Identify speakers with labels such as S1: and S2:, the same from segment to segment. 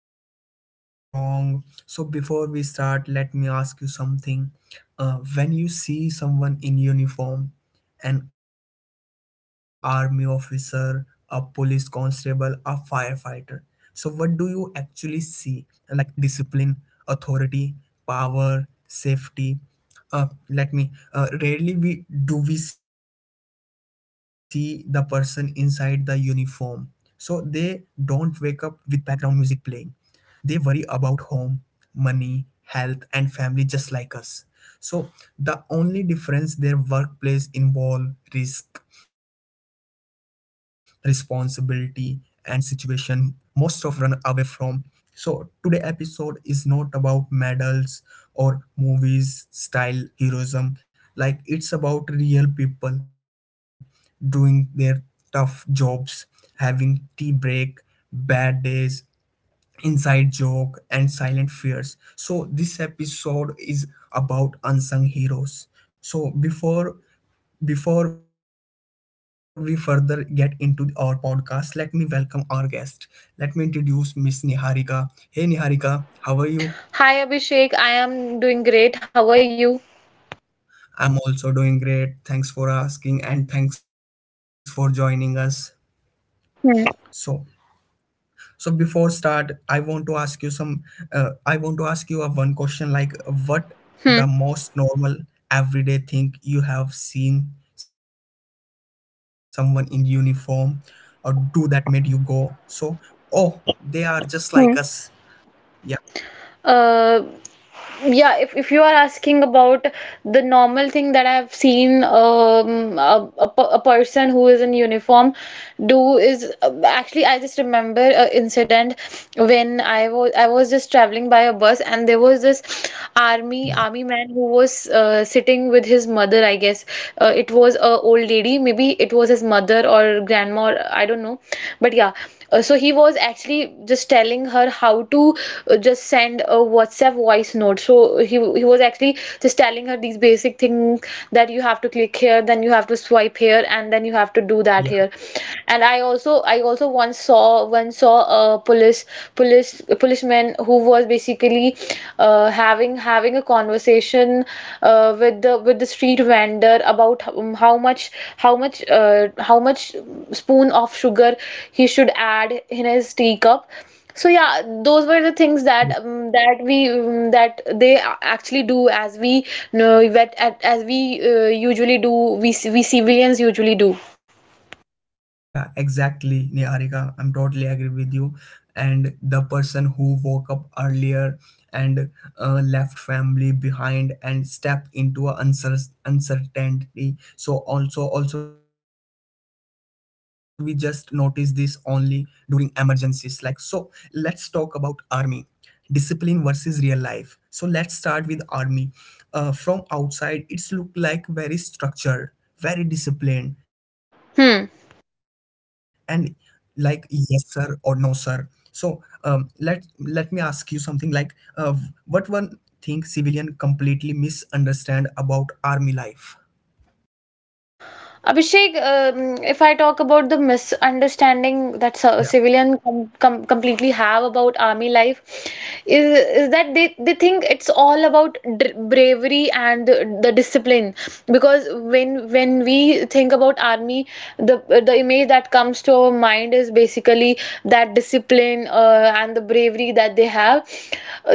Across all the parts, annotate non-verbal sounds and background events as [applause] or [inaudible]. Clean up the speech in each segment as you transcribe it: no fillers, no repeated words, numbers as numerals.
S1: safe and strong. So, before we start, let me ask you something. When you see someone in uniform, an army officer, a police constable, a firefighter, so what do you actually see? Like discipline, authority, power, safety let me Rarely we do we see the person inside the uniform. So they don't wake up with background music playing. They worry about home, money, health, and family just like us. So the only difference, their workplace involve risk, responsibility, and situation most of run away from. So today episode is not about medals or movies style heroism. Like, it's about real people doing their tough jobs, having tea break, bad days, inside joke and silent fears. So this episode is about unsung heroes. So before we further get into our podcast, let me welcome our guest. Let me introduce Miss Niharika. Hey Niharika, how are you?
S2: Hi Abhishek, I am doing great. How are you?
S1: I'm also doing great, thanks for asking, and thanks for joining us. So
S2: Hmm.
S1: so before start, I want to ask you some. I want to ask you a one question, like what the
S2: Hmm.
S1: most normal everyday thing you have seen someone in uniform or do
S2: So,
S1: that made you go, so, oh, they are just like us.
S2: Hmm.
S1: Yeah,
S2: uh, yeah, if you are asking about the normal thing that I have seen a person who is in uniform do is actually I just remember an incident when I was just traveling by a bus and there was this army man who was sitting with his mother, I guess. It was a old lady, maybe it was his mother or grandma or I don't know but yeah so he was actually just telling her how to just send a whatsapp voice note so he was actually just telling her these basic things that you have to click here, then you have to swipe here, and then you have to do that
S1: yeah,
S2: here. And I also once saw a police policeman who was basically having a conversation with the street vendor about how much spoon of sugar he should add in his teacup. So yeah, those were the things that that we that they actually do as we know, as we usually do, we civilians usually do.
S1: yeah, exactly, Niharika. I'm totally agree with you. And the person who woke up earlier and left family behind and stepped into a uncertainty. So also, also we just notice this only during emergencies. Like, so let's talk about army discipline versus real life. So let's start with army. From outside it's look like very structured, very disciplined, and
S2: Hmm.
S1: like yes sir or no sir. So let me ask you something like, what one thing civilian completely misunderstand about army life?
S2: Abhishek, if I talk about the misunderstanding that
S1: Yeah,
S2: civilian completely have about army life, is that they think it's all about dr bravery and the discipline. Because when we think about army, the image that comes to our mind is basically that discipline and the bravery that they have.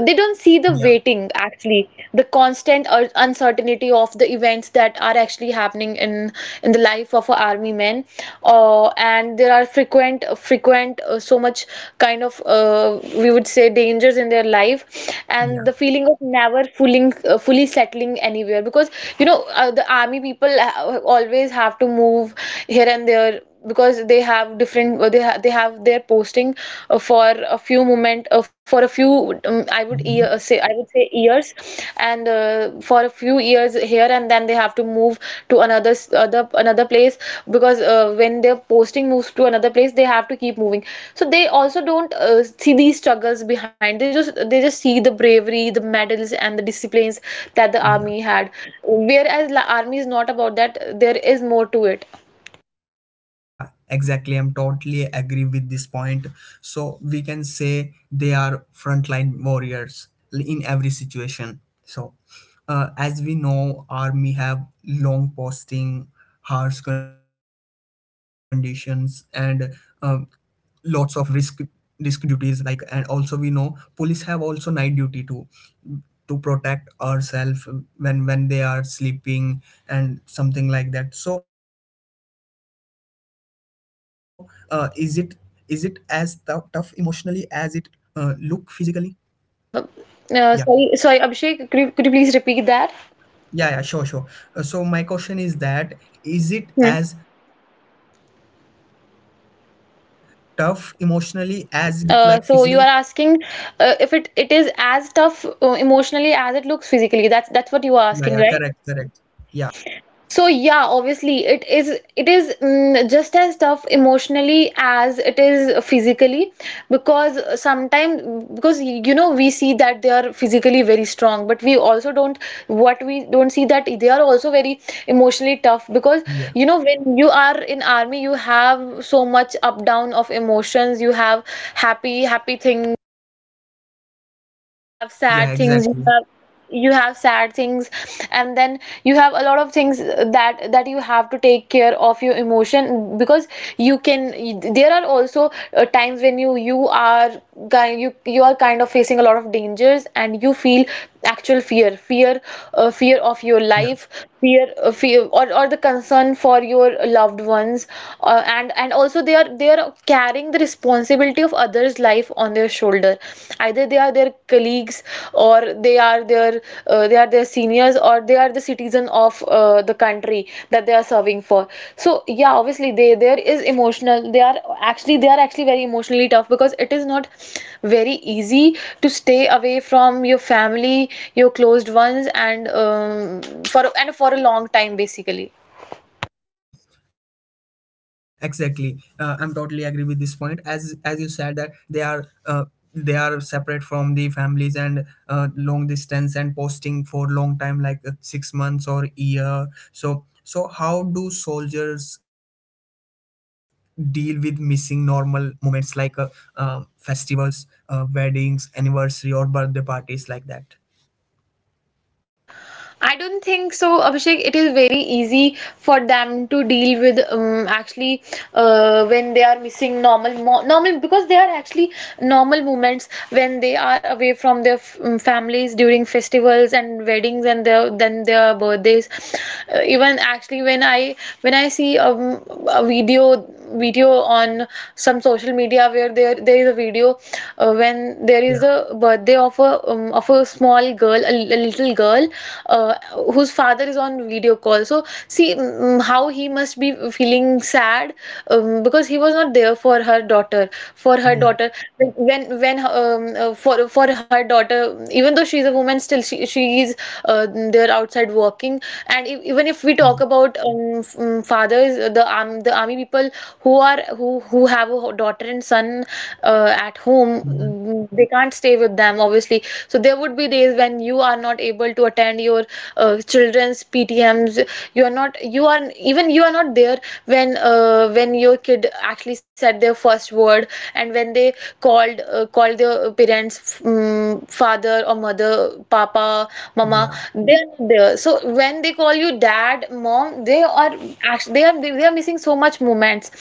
S2: They don't see the
S1: yeah,
S2: waiting actually society, the constant uncertainty of the events that are actually happening in the life of a army man, and there are frequent so much kind of we would say dangers in their life
S1: yeah.
S2: and the feeling of never fully fully settling anywhere. Because the army people always have to move here and there, because they have different they have their posting for a few moment for a few I would year,
S1: Mhm.
S2: say I would say years, and for a few years here, and then they have to move to another s- other another place because when their posting moves to another place they have to keep moving. So they also don't see these struggles behind, they just see the bravery, the medals, and the disciplines that the
S1: Yeah.
S2: army had, whereas the army is not about that. There is more to it.
S1: Yeah, exactly. I'm totally agree with this point. So we can say they are frontline warriors in every situation. So, as we know, army have long posting, harsh conditions, and um, lots of risk duties. Like, and also we know police have also night duty too to protect ourselves when they are sleeping and something like that. So is it, is it as tough emotionally as it look physically?
S2: Uh,
S1: Yeah,
S2: sorry, sorry, Abhishek, could could you please repeat that?
S1: yeah, yeah, sure, sure. So my question is that, is it
S2: Hmm.
S1: as tough emotionally as it look like physically?
S2: So you are asking if it is as tough emotionally as it looks physically. That's what you
S1: Yeah,
S2: are
S1: yeah,
S2: asking,
S1: correct,
S2: right?
S1: correct. Yeah,
S2: So yeah, obviously it is mm, just as tough emotionally as it is physically, because sometimes, because you know we see that they are physically very strong, but we also don't, what we don't see that they are also very emotionally tough. Because
S1: yeah,
S2: you know, when you are in army, you have so much up down of emotions. You have happy things, you have
S1: yeah,
S2: sad things,
S1: exactly.
S2: you have sad things and then you have a lot of things that you have to take care of your emotion. Because you can, there are also times when you are kind you you are kind of facing a lot of dangers, and you feel actual fear of your
S1: Yeah.
S2: life, fear or the concern for your loved ones, and also they are stop carrying the responsibility of others life on their shoulder, either they are their colleagues, or they are their seniors, or the citizen of the country that they are serving for. So yeah, obviously they there is emotional, they are actually very emotionally tough because it is not very easy to stay away from your family, your closed ones, and for a long time basically.
S1: Yeah, exactly. I'm totally agree with this point. As you said, that they are separate from the families, and long distance and posting for long time, like 6 months or year. So so how do soldiers deal with missing normal moments, like uh, festivals, weddings, anniversary, or birthday parties like that?
S2: I don't think so, Abhishek. It is very easy for them to deal with actually
S1: Yeah,
S2: when they are missing normal, because they are actually normal moments when they are away from their f families during festivals and weddings and their then their birthdays. Even actually when I see um, a video on some social media where there is a video when there
S1: yeah,
S2: is a birthday of a small girl, a little girl, uh, whose father is on video call. So see, mm, mm, how he must be feeling sad because he was not there for for her
S1: yeah,
S2: daughter. When for her daughter, even though she is a woman, still she is uh, there outside working. And if, even if we
S1: yeah.
S2: talk about f- father others the army people who are who have a daughter and son at home,
S1: Mhm.
S2: mm, they can't stay with them obviously, so there would be days when you are not able to attend your children's PTMs, you are not there when your kid actually said their first word, and when they called called their parents father or mother, papa, mama,
S1: Yeah,
S2: they're not there. So when they call you dad, mom, they are they are missing so much moments.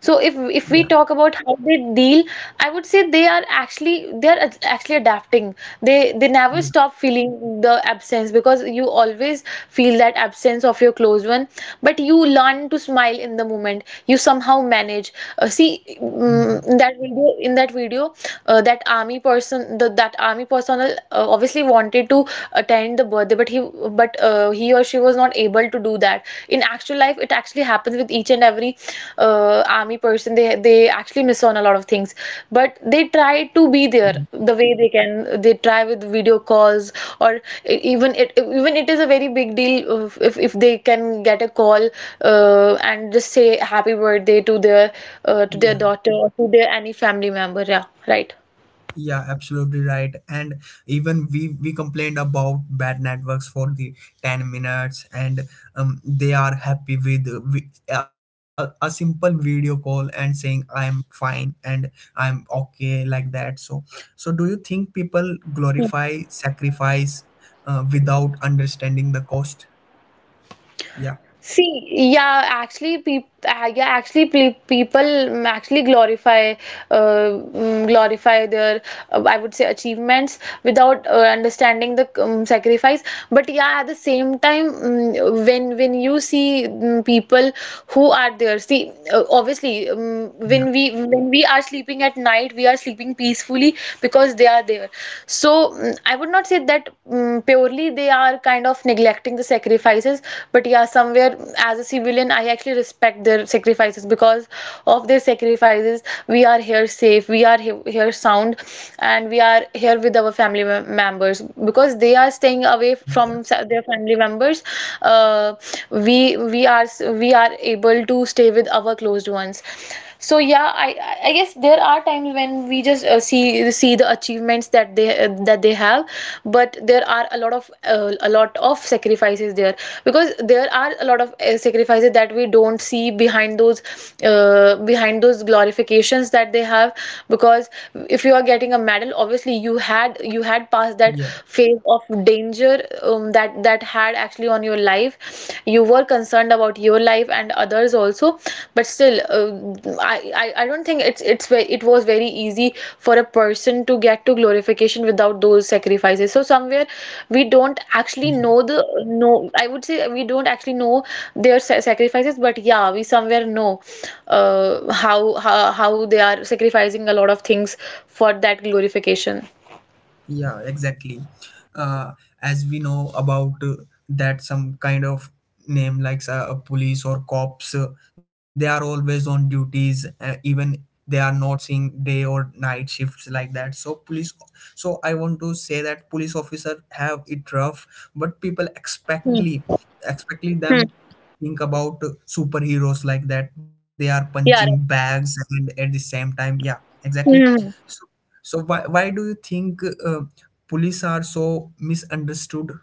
S2: So
S1: yeah,
S2: if we talk about how they deal, I would say they are actually, actually adapting. They they
S1: yeah,
S2: never stop feeling the absence, because you always feel that absence of your close one, but you learn to smile in the moment. You somehow manage. See,
S1: yeah.
S2: mm, in that video that army person, the that army personnel obviously wanted to attend the birthday, but he or she was not able to do that. In actual life it actually happens with each and every army person, they actually miss on a lot of things, but they try to be there
S1: Mhm.
S2: the way they can. They try with video calls, or even it is a very big deal if if they can get a call and just say happy birthday to
S1: Yeah.
S2: their daughter or to their any family member, yeah, right.
S1: Yeah, absolutely right. And even we complained about bad networks for the 10 minutes, and they are happy with a simple video call and saying I am fine and I'm okay like that. So so do you think people glorify sacrifice without understanding the cost? Yeah,
S2: See, yeah, actually, peop yeah, actually, pe people mm, actually glorify, uh, mm, glorify their, I would say, achievements without understanding the sacrifice. But yeah, at the same time, mm, when you see mm, people who are there, see, obviously,
S1: yeah,
S2: when we are sleeping at night, we are sleeping peacefully because they are there. So mm, mm, I would not say that mm, purely they are kind of neglecting the sacrifices, but yeah, somewhere mm, as a civilian, I actually respect their sacrifices, because of their sacrifices, we are here safe, here sound, and we are here with our family members, because they are staying away
S1: yeah,
S2: from their family members. Uh, we are able to stay with our closed ones. So yeah, I guess there are times when we just see the achievements that they have, but there are a lot of sacrifices there, because there are a lot of sacrifices that we don't see behind those glorifications that they have. Because if you are getting a medal, obviously you had passed that
S1: yeah,
S2: phase of danger that had actually on your life, you were concerned about your life and others also, but still I don't think it's it was very easy for a person to get to glorification without those sacrifices. So somewhere we don't actually
S1: yeah.
S2: know the, no, I would say we don't actually know their sacrifices, but yeah, we somewhere know how they are sacrificing a lot of things for that glorification.
S1: Yeah, exactly. Uh, as we know about that, some kind of name like, police or cops, they are always on duties, even they are not seeing day or night shifts like that. So police, so I want to say that police officer have it rough, but people
S2: Hmm.
S1: expectly, expectly
S2: Hmm.
S1: them think about superheroes like that. They are punching
S2: Yeah, right.
S1: bags, and at the same time, yeah, exactly.
S2: Hmm.
S1: So, so why do you think police are so misunderstood?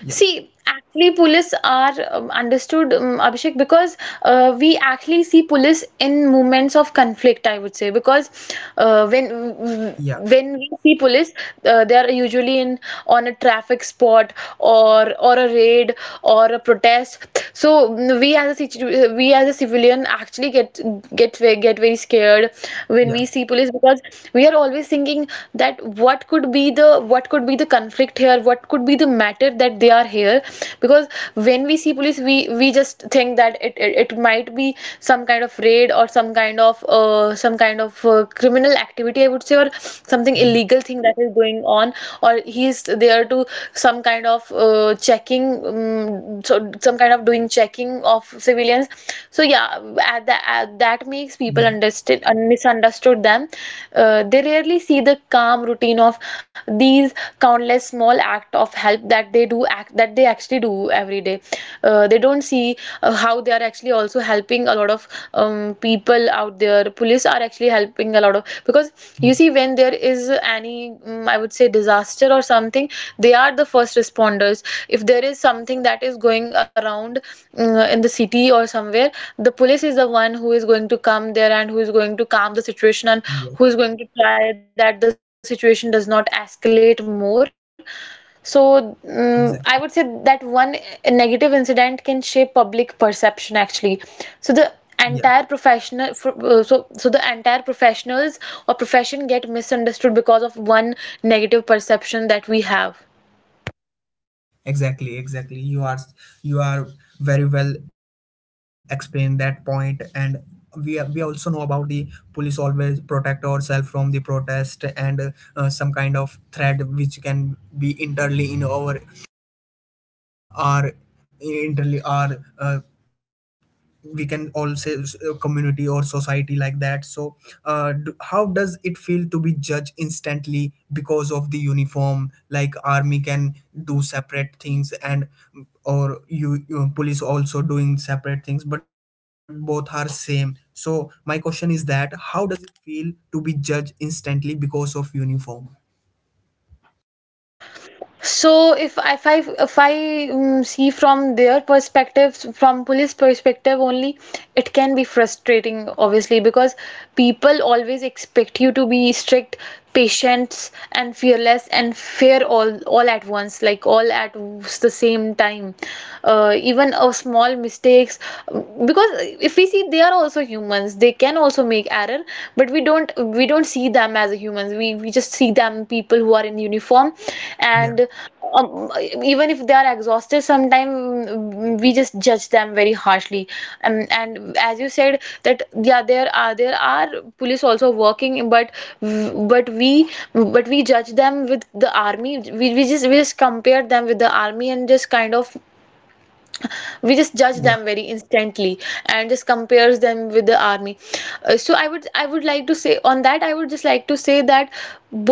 S1: Yeah,
S2: See, actually, police are understood, Abhishek, because we actually see police in moments of conflict, I would say, because
S1: yeah,
S2: when we see police, they are usually in, on a traffic spot, or a raid, or a protest. So we as a civilian actually get very scared when we
S1: yeah,
S2: see police because we are always thinking that what could be the conflict here, what could be the matter that they are here. Because when we see police, we just think that it might be some kind of raid or some kind of criminal activity, I would say, or something
S1: yeah,
S2: illegal thing that is going on, or he is there to some kind of checking, so some kind of doing checking of civilians. So yeah, at, the, at that that makes people
S1: yeah,
S2: understood misunderstood them. They rarely see the calm routine of these countless small act of help that they actually do every day. They don't see how they are actually also helping a lot of people out there. Police are actually helping a lot of because you
S1: yeah,
S2: see, when there is any I would say disaster or something, they are the first responders. If there is something that is going around in the city or somewhere, the police is the one who is going to come there and who is going to calm the situation and
S1: yeah.
S2: who is going to try that the situation does not escalate more. So I
S1: Exactly.
S2: would say that one negative incident can shape public perception actually. So the
S1: Yeah,
S2: entire professional fr- so so the entire professionals or profession get misunderstood because of one negative perception that we have.
S1: exactly, exactly. You are, you are very well explained that point. And we also know about the police always protect ourselves from the protest and some kind of threat which can be internally in our, our internally, our, we can all say, a community or society like that. So how does it feel to be judged instantly because of the uniform? Like army can do separate things and or you police also doing separate things, but both are same. So my question is that, how does it feel to be judged instantly because of uniform?
S2: So if I see from their perspective, from police perspective only,
S1: Yeah,
S2: it can be frustrating, obviously, because people always expect you to be strict, patient, and fearless, and fair all at once, like all at the same time. Even a small mistakes, because if we see, they are also humans. They can also make error, but we don't see them as humans. We just see them people who are in uniform
S1: yeah,
S2: and um, even if they are exhausted, sometimes we just judge them very harshly. And as you said that, yeah, there are police also working, but we but we judge them with the army. We just compare them with the army and just kind of we just judge
S1: yeah,
S2: them very instantly and just compares them with the army. So I would like to say on that, I would just like to say that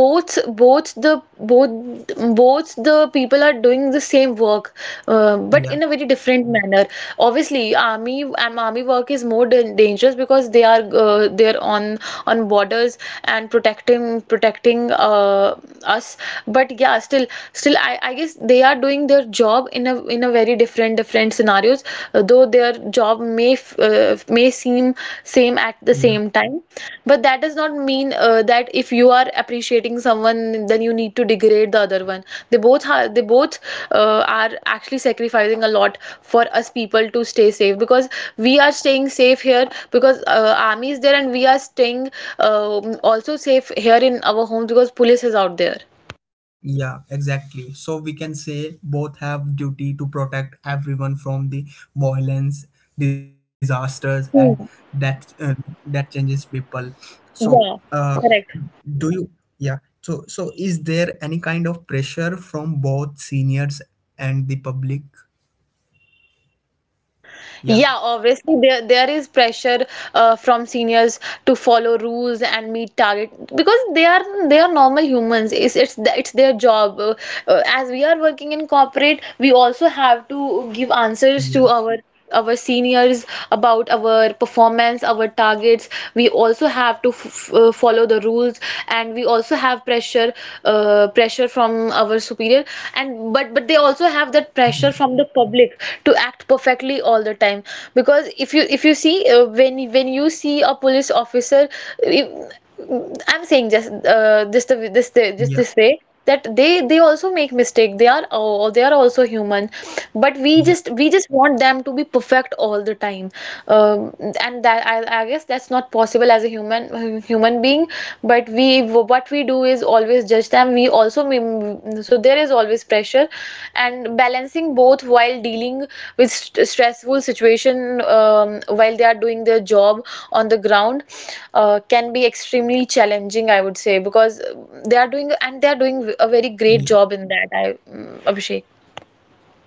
S2: both both the both both the people are doing the same work, but
S1: yeah,
S2: in a very different manner. Obviously army, army work is more dangerous because they're on borders and protecting us. But yeah, still I guess they are doing their job in a very different scenarios. Though their job may seem same at the
S1: yeah.
S2: same time, but that does not mean that if you are appreciating someone, then you need to degrade the other one. They both are actually sacrificing a lot for us people to stay safe, because we are staying safe here because army is there, and we are staying also safe here in our homes because police is out there.
S1: Yeah, exactly. So we can say both have duty to protect everyone from the violence, disasters, and
S2: Hmm.
S1: that that changes people. So,
S2: Yeah,
S1: uh,
S2: correct.
S1: do you? Yeah. So, so is there any kind of pressure from both seniors and the public? Yeah.
S2: Yeah, obviously there is pressure from seniors to follow rules and meet target because they are normal humans. It's their job. As we are working in corporate, we also have to give answers
S1: Yeah.
S2: to our seniors about our performance, our targets. We also have to follow the rules, and we also have pressure, pressure from our superior. And but they also have that
S1: Yeah.
S2: pressure from the public to act perfectly all the time. Because if you see when you see a police officer, if, I'm saying just
S1: Yeah.
S2: just this way, that they also make mistake. They are, oh, they are also human, but we
S1: Yeah.
S2: just we just want them to be perfect all the time. um, and that I guess that's not possible as a human being. But we, what we do is always judge them. We also mem- so there is always pressure, and balancing both while dealing with stressful situation, while they are doing their job on the ground, can be extremely challenging, I would say, because they are doing a very great
S1: Yeah.
S2: job in that, Abhishek.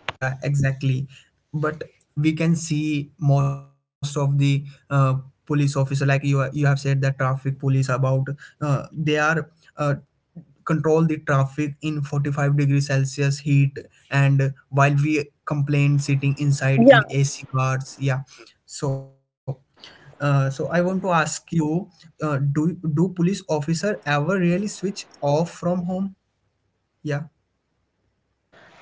S1: Yeah, exactly. But we can see most of the uh, police officer. Like you are-, you have said, that traffic police about, they are uh, control the traffic in 45-degree Celsius heat, and while we complain sitting inside in AC cars, yeah. So, so I want to ask you, do, do police officer ever really switch off from home? Yeah,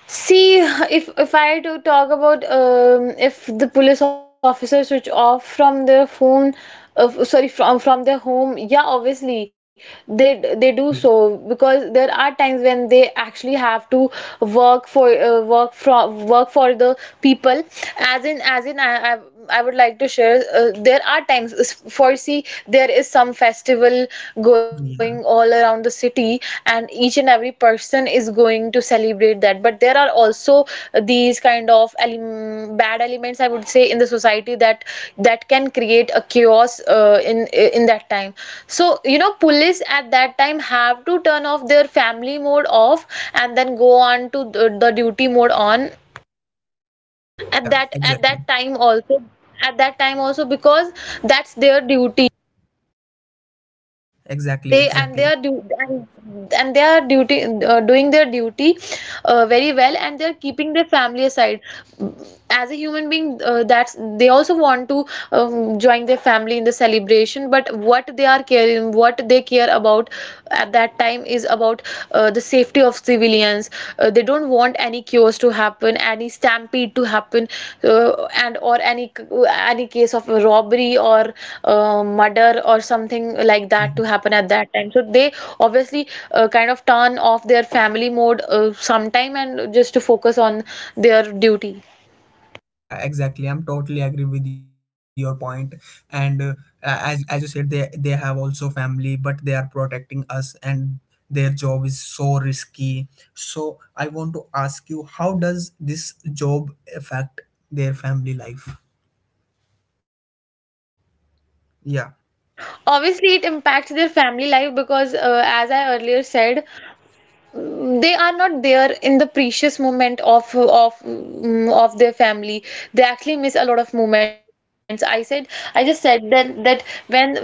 S2: See, if I to talk about, if the police officer switch off from their phone, sorry, from their home, yeah, obviously they do so,
S1: exactly.
S2: because there are times when they actually have to work for work for the people. I've I would like to share. There are times, for see, there is some festival going
S1: Yeah,
S2: all around the city, and each and every person is going to celebrate that. But there are also these kind of bad elements, I would say, in the society that that can create a chaos in that time. So you know, police at that time have to turn off their family mode off and then go on to the duty mode on at
S1: yeah, exactly.
S2: that time also at that time also, because that's their duty. and
S1: Exactly,
S2: they and they
S1: exactly.
S2: are du- and, and they are duty, doing their duty very well, and they're keeping their family aside. As a human being, that's, they also want to join their family in the celebration, but what they care about at that time is about the safety of civilians. They don't want any chaos to happen, any stampede to happen, uh, and or any case of a robbery or murder or something like that to
S1: Mhm.
S2: happen at that time. So they obviously kind of turn off their family mode sometime and just to focus on their duty.
S1: Yeah, exactly. I'm totally agree with your point. And as you said, they have also family, but they are protecting us, and their job is so risky. So I want to ask you, how does this job affect their family life? Yeah,
S2: Obviously it impacts their family life, because as I earlier said, they are not there in the precious moment of of their family. They actually miss a lot of moments. I said, I just said that that when when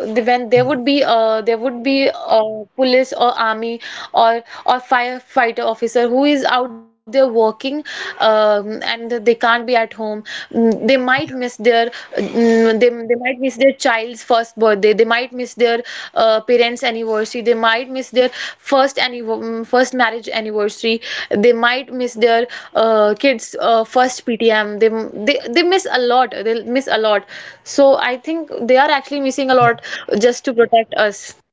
S2: when there would
S1: yeah,
S2: be, there would be a police or army or firefighter officer who is out there working, and they can't be at home. They might miss
S1: yeah,
S2: their they might miss their child's first birthday. They might miss their parents anniversary. They might miss their first marriage anniversary. They might miss their kids first PTM. They miss a lot, they miss a lot. So I think they are actually
S1: yeah.
S2: missing a lot just to protect us.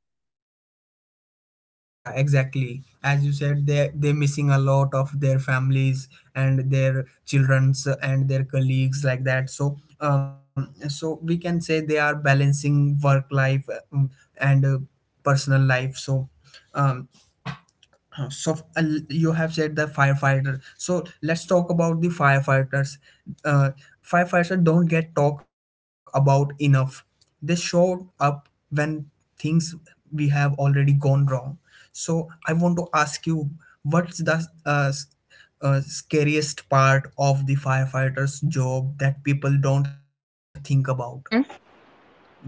S1: Yeah, exactly. As you said, they they're missing a lot of their families and their childrens and their colleagues like that. So, so we can say they are balancing work life um, and personal life. So, um, you have said the firefighter. So let's talk about the firefighters. Uh, Firefighters don't get talk about enough. They show up when things we have already gone wrong. So I want to ask you, what's the uh, s- scariest part of the firefighter's job that people don't think about?
S2: Hmm.
S1: Yeah, Niharika.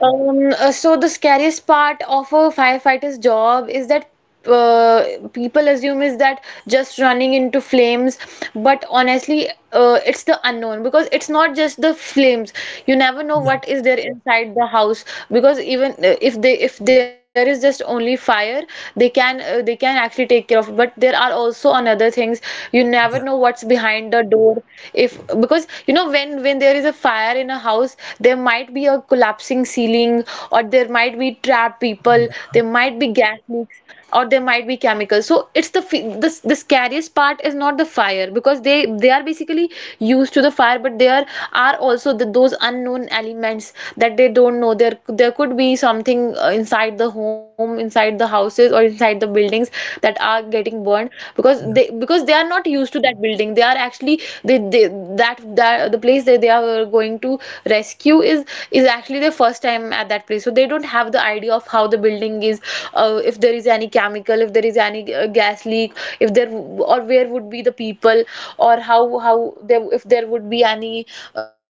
S2: So the scariest part of a firefighter's job is that, uh, people assume is that just running into flames, but honestly, it's the unknown, because it's not just the flames. You never
S1: Yeah,
S2: know what is there inside the house. Because even if they, if there is just only fire, they can actually take care of it. But there are also another things. You never
S1: yeah,
S2: know what's behind the door. If Because you know, when when there is a fire in a house, there might be a collapsing ceiling, or there might be trapped people,
S1: yeah,
S2: there might be gas leaks, or there might be chemicals. So it's the fe- this the scariest part is not the fire, because they are basically used to the fire. But there are also those unknown elements, that they don't know. There could be something inside the home, inside the houses, or inside the buildings that are getting burned. Because they,
S1: yeah,
S2: because they are not used to that building. They are actually they that that the place that they are going to rescue is actually their first time at that place. So they don't have the idea of how the building is, if there is any chemical, if there is any gas leak, if there or where would be the people, or how there, if there would be any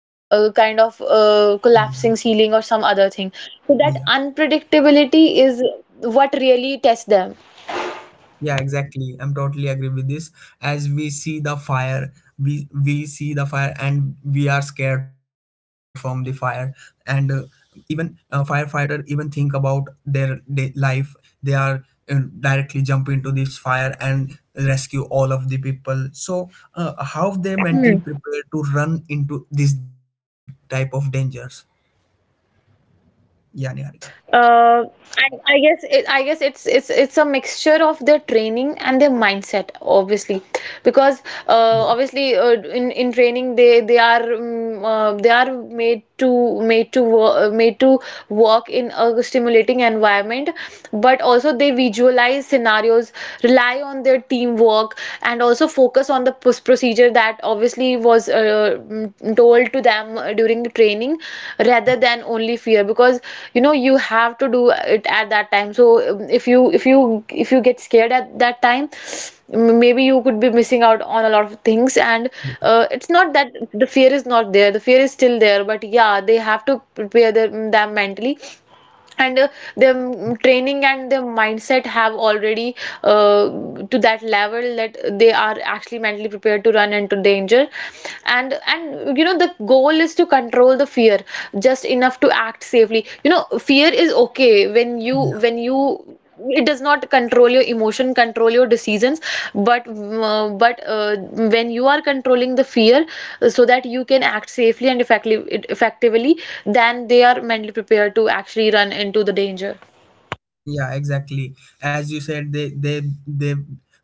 S2: kind of
S1: yeah,
S2: collapsing ceiling or some other thing. So that
S1: yeah.
S2: unpredictability is what really tests them.
S1: Yeah, exactly. I'm totally agree with this. As we see the fire, we see the fire and we are scared from the fire. And even firefighter even think about their day life. They are directly jump into this fire and rescue all of the people. So how they mentally prepare to run into this type of dangers? Yeah, Niharika.
S2: Uh, I, I guess it's a mixture of their training and their mindset, obviously, because
S1: Yeah,
S2: obviously in training they are they are made to work in a stimulating environment, but also they visualize scenarios, rely on their teamwork, and also focus on the procedure that obviously was told to them during the training
S1: yeah,
S2: rather than only fear because you know you have to do it at that time. So if you if you get scared at that time, maybe you could be missing out on a lot of things. And it's not that the fear is not there, the fear is still there, but yeah, they have to prepare them mentally, and their training and their mindset have already uh, to that level that they are actually mentally prepared to run into danger. And you know, the goal is to control the fear just enough to act safely. You know, fear is okay
S1: yeah.
S2: when you it does not control your emotion, control your decisions, but when you are controlling the fear so that you can act safely and effectively, then they are mentally prepared to actually run into the danger.
S1: Yeah, exactly. As you said, they they they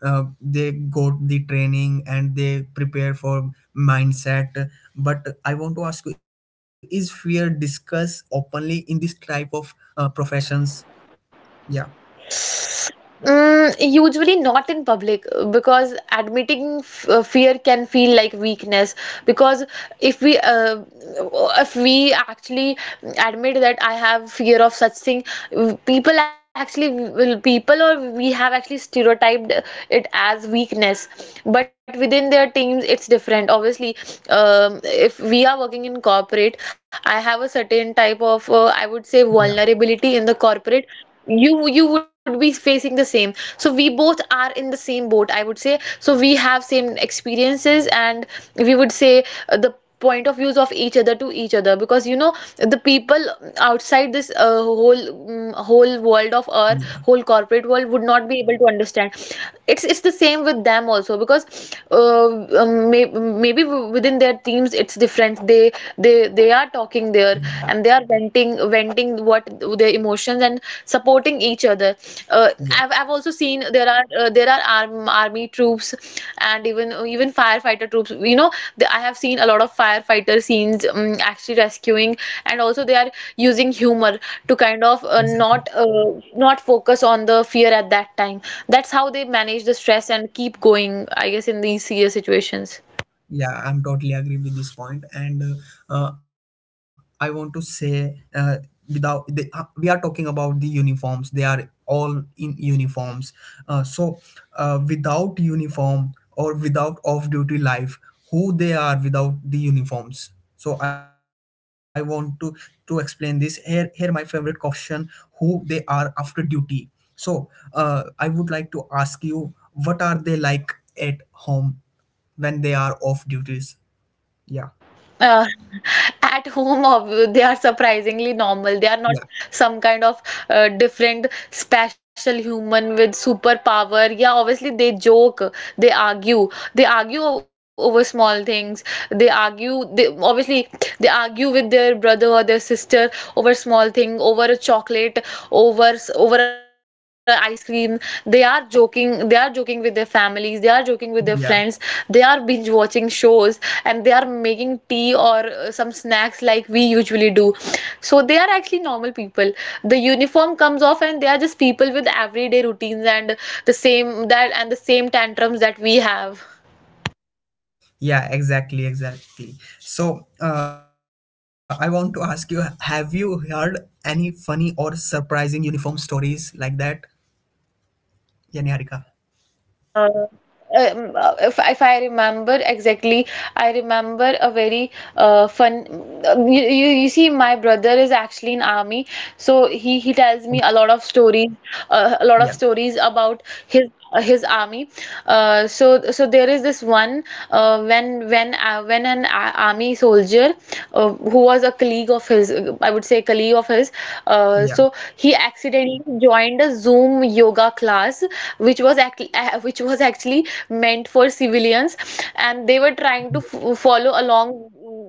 S1: uh, they got the training and they prepare for mindset. But I want to ask you, is fear discussed openly in this type of professions? Yeah,
S2: Mm, usually not in public, because admitting f fear can feel like weakness. Because if we uh, if we actually admit that I have fear of such thing, people actually will people or we have actually stereotyped it as weakness. But within their teams, it's different. Obviously, if we are working in corporate, I have a certain type of I would say
S1: yeah,
S2: vulnerability in the corporate. You would be facing the same, so we both are in the same boat, I would say. So we have same experiences and we would say the point of views of each other to each other, because you know the people outside this whole whole world of our
S1: yeah,
S2: whole corporate world would not be able to understand. It's the same with them also, because maybe within their teams it's different. They
S1: yeah,
S2: are talking, sitting there, and they are venting what their emotions, and supporting each other.
S1: yeah.
S2: I've also seen there are army troops, and even firefighter troops, you know. I have seen a lot of firefighter scenes actually rescuing, and also they are using humor to kind of
S1: Exactly.
S2: not focus on the fear at that time. That's how they manage the stress and keep going, I guess, in these serious situations.
S1: Yeah, I'm totally agree with this point. And uh, uh, I want to say without the, we are talking about the uniforms. They are all in uniforms. So without uniform or without off-duty life, who they are without the uniforms? So I want to explain this. Here, here my favorite caution, who they are after duty. So I would like to ask you, what are they like at home when they are off duties? Yeah.
S2: Uh, [laughs] at home, they are
S1: Yeah.
S2: surprisingly normal. They are not some kind of different special human with superpower. Yeah, obviously they joke, they argue, they argue over small things. They argue, they obviously they argue with their brother or their sister over small thing, over a chocolate, over over ice cream. They are joking they are joking with their families, they are joking with their friends,
S1: Yeah.
S2: they are binge watching shows, and they are making tea or some snacks like we usually do. So they are actually normal people. The uniform comes off and they are just people with everyday routines, and the same that and the same tantrums that we have.
S1: Yeah, exactly, exactly. So, I want to ask you, have you heard any funny or surprising uniform stories like that? Yeah, Niharika.
S2: Uh, if I remember exactly, I remember a very fun. You, you see, my brother is actually in army, so he
S1: Oh,
S2: he tells me a lot of stories, a
S1: yeah,
S2: lot of stories about his army. So there is this one when an army soldier who was a colleague of his, I would say colleague of his,
S1: yeah,
S2: so he accidentally joined a Zoom yoga class, which was which was actually meant for civilians, and they were trying to
S1: yeah,
S2: follow along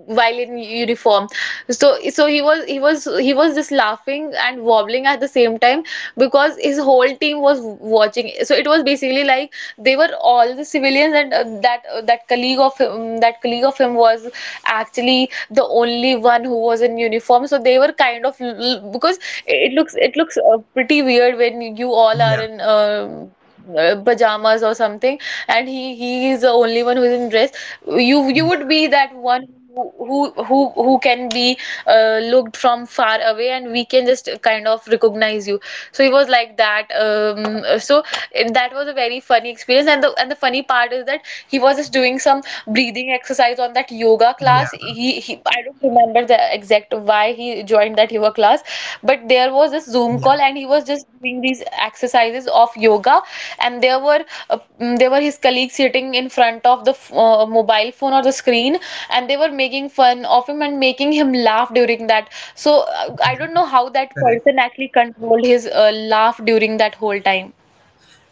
S2: while in uniform. So he was just laughing and wobbling at the same time, because his whole team was watching. So it was basically like they were all the civilians, and that that colleague of him, was actually the only one who was in uniform. So they were kind of because it looks pretty weird when you all are
S1: yeah,
S2: in pajamas or something, and he is the only one who is in dress. You
S1: yeah,
S2: would be that one who can be looked from far away, and we can just kind of recognize you. So he was like that. So it, that was a very funny experience. And the funny part is that he was just doing some breathing exercise on that yoga
S1: yeah,
S2: class. He, I don't remember the exact why he joined that yoga class, but there was this Zoom
S1: yeah,
S2: call and he was just doing these exercises of yoga, and there were there were his colleagues sitting in front of the mobile phone or the screen, and they were making fun of him and making him laugh during that. So I
S1: yeah.
S2: don't know how that
S1: Correct.
S2: person actually controlled his laugh during that whole time.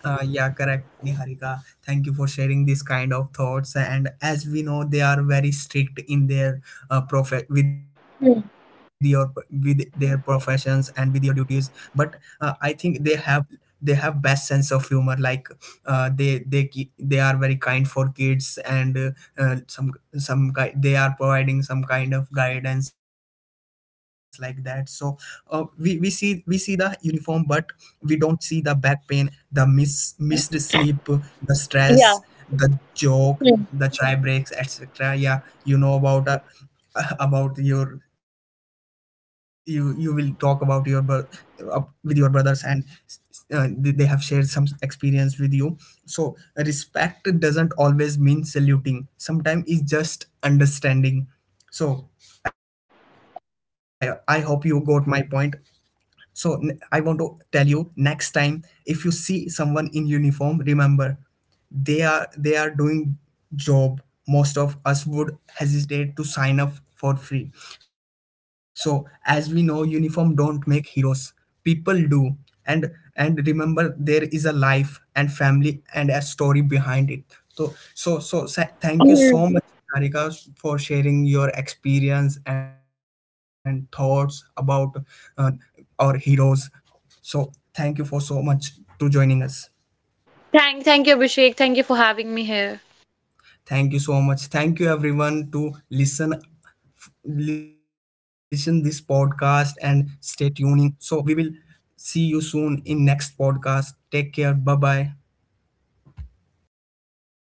S1: Yeah, correct, Niharika. Thank you for sharing this kind of thoughts. And as we know, they are very strict in their with your
S2: Hmm.
S1: with their professions and with your duties. But I think they have, they have best sense of humor. Like they are very kind for kids and some guy they are providing some kind of guidance like that. So we see, we see the uniform, but we don't see the back pain, the missed
S2: Hmm.
S1: sleep, the stress,
S2: Yeah.
S1: the joke,
S2: Hmm.
S1: the chai breaks, etc. Yeah, you know about [laughs] about your, you will talk about your uh, with your brothers, and they have shared some experience with you. So respect doesn't always mean saluting. Sometimes it's just understanding. So I hope you got my point. So I want to tell you, next time if you see someone in uniform, remember they are doing job most of us would hesitate to sign up for free. So as we know, uniform don't make heroes, people do. And remember there is a life and family and a story behind it. So so thank you
S2: Hmm.
S1: so much, Harika, for sharing your experience and thoughts about uh, our heroes. So thank you for so much to joining us.
S2: Thank you, Abhishek. Thank you for having me here.
S1: Thank you so much. Thank you everyone to listen this podcast and stay tuning. So we will see you soon in next podcast. Take care. Bye bye.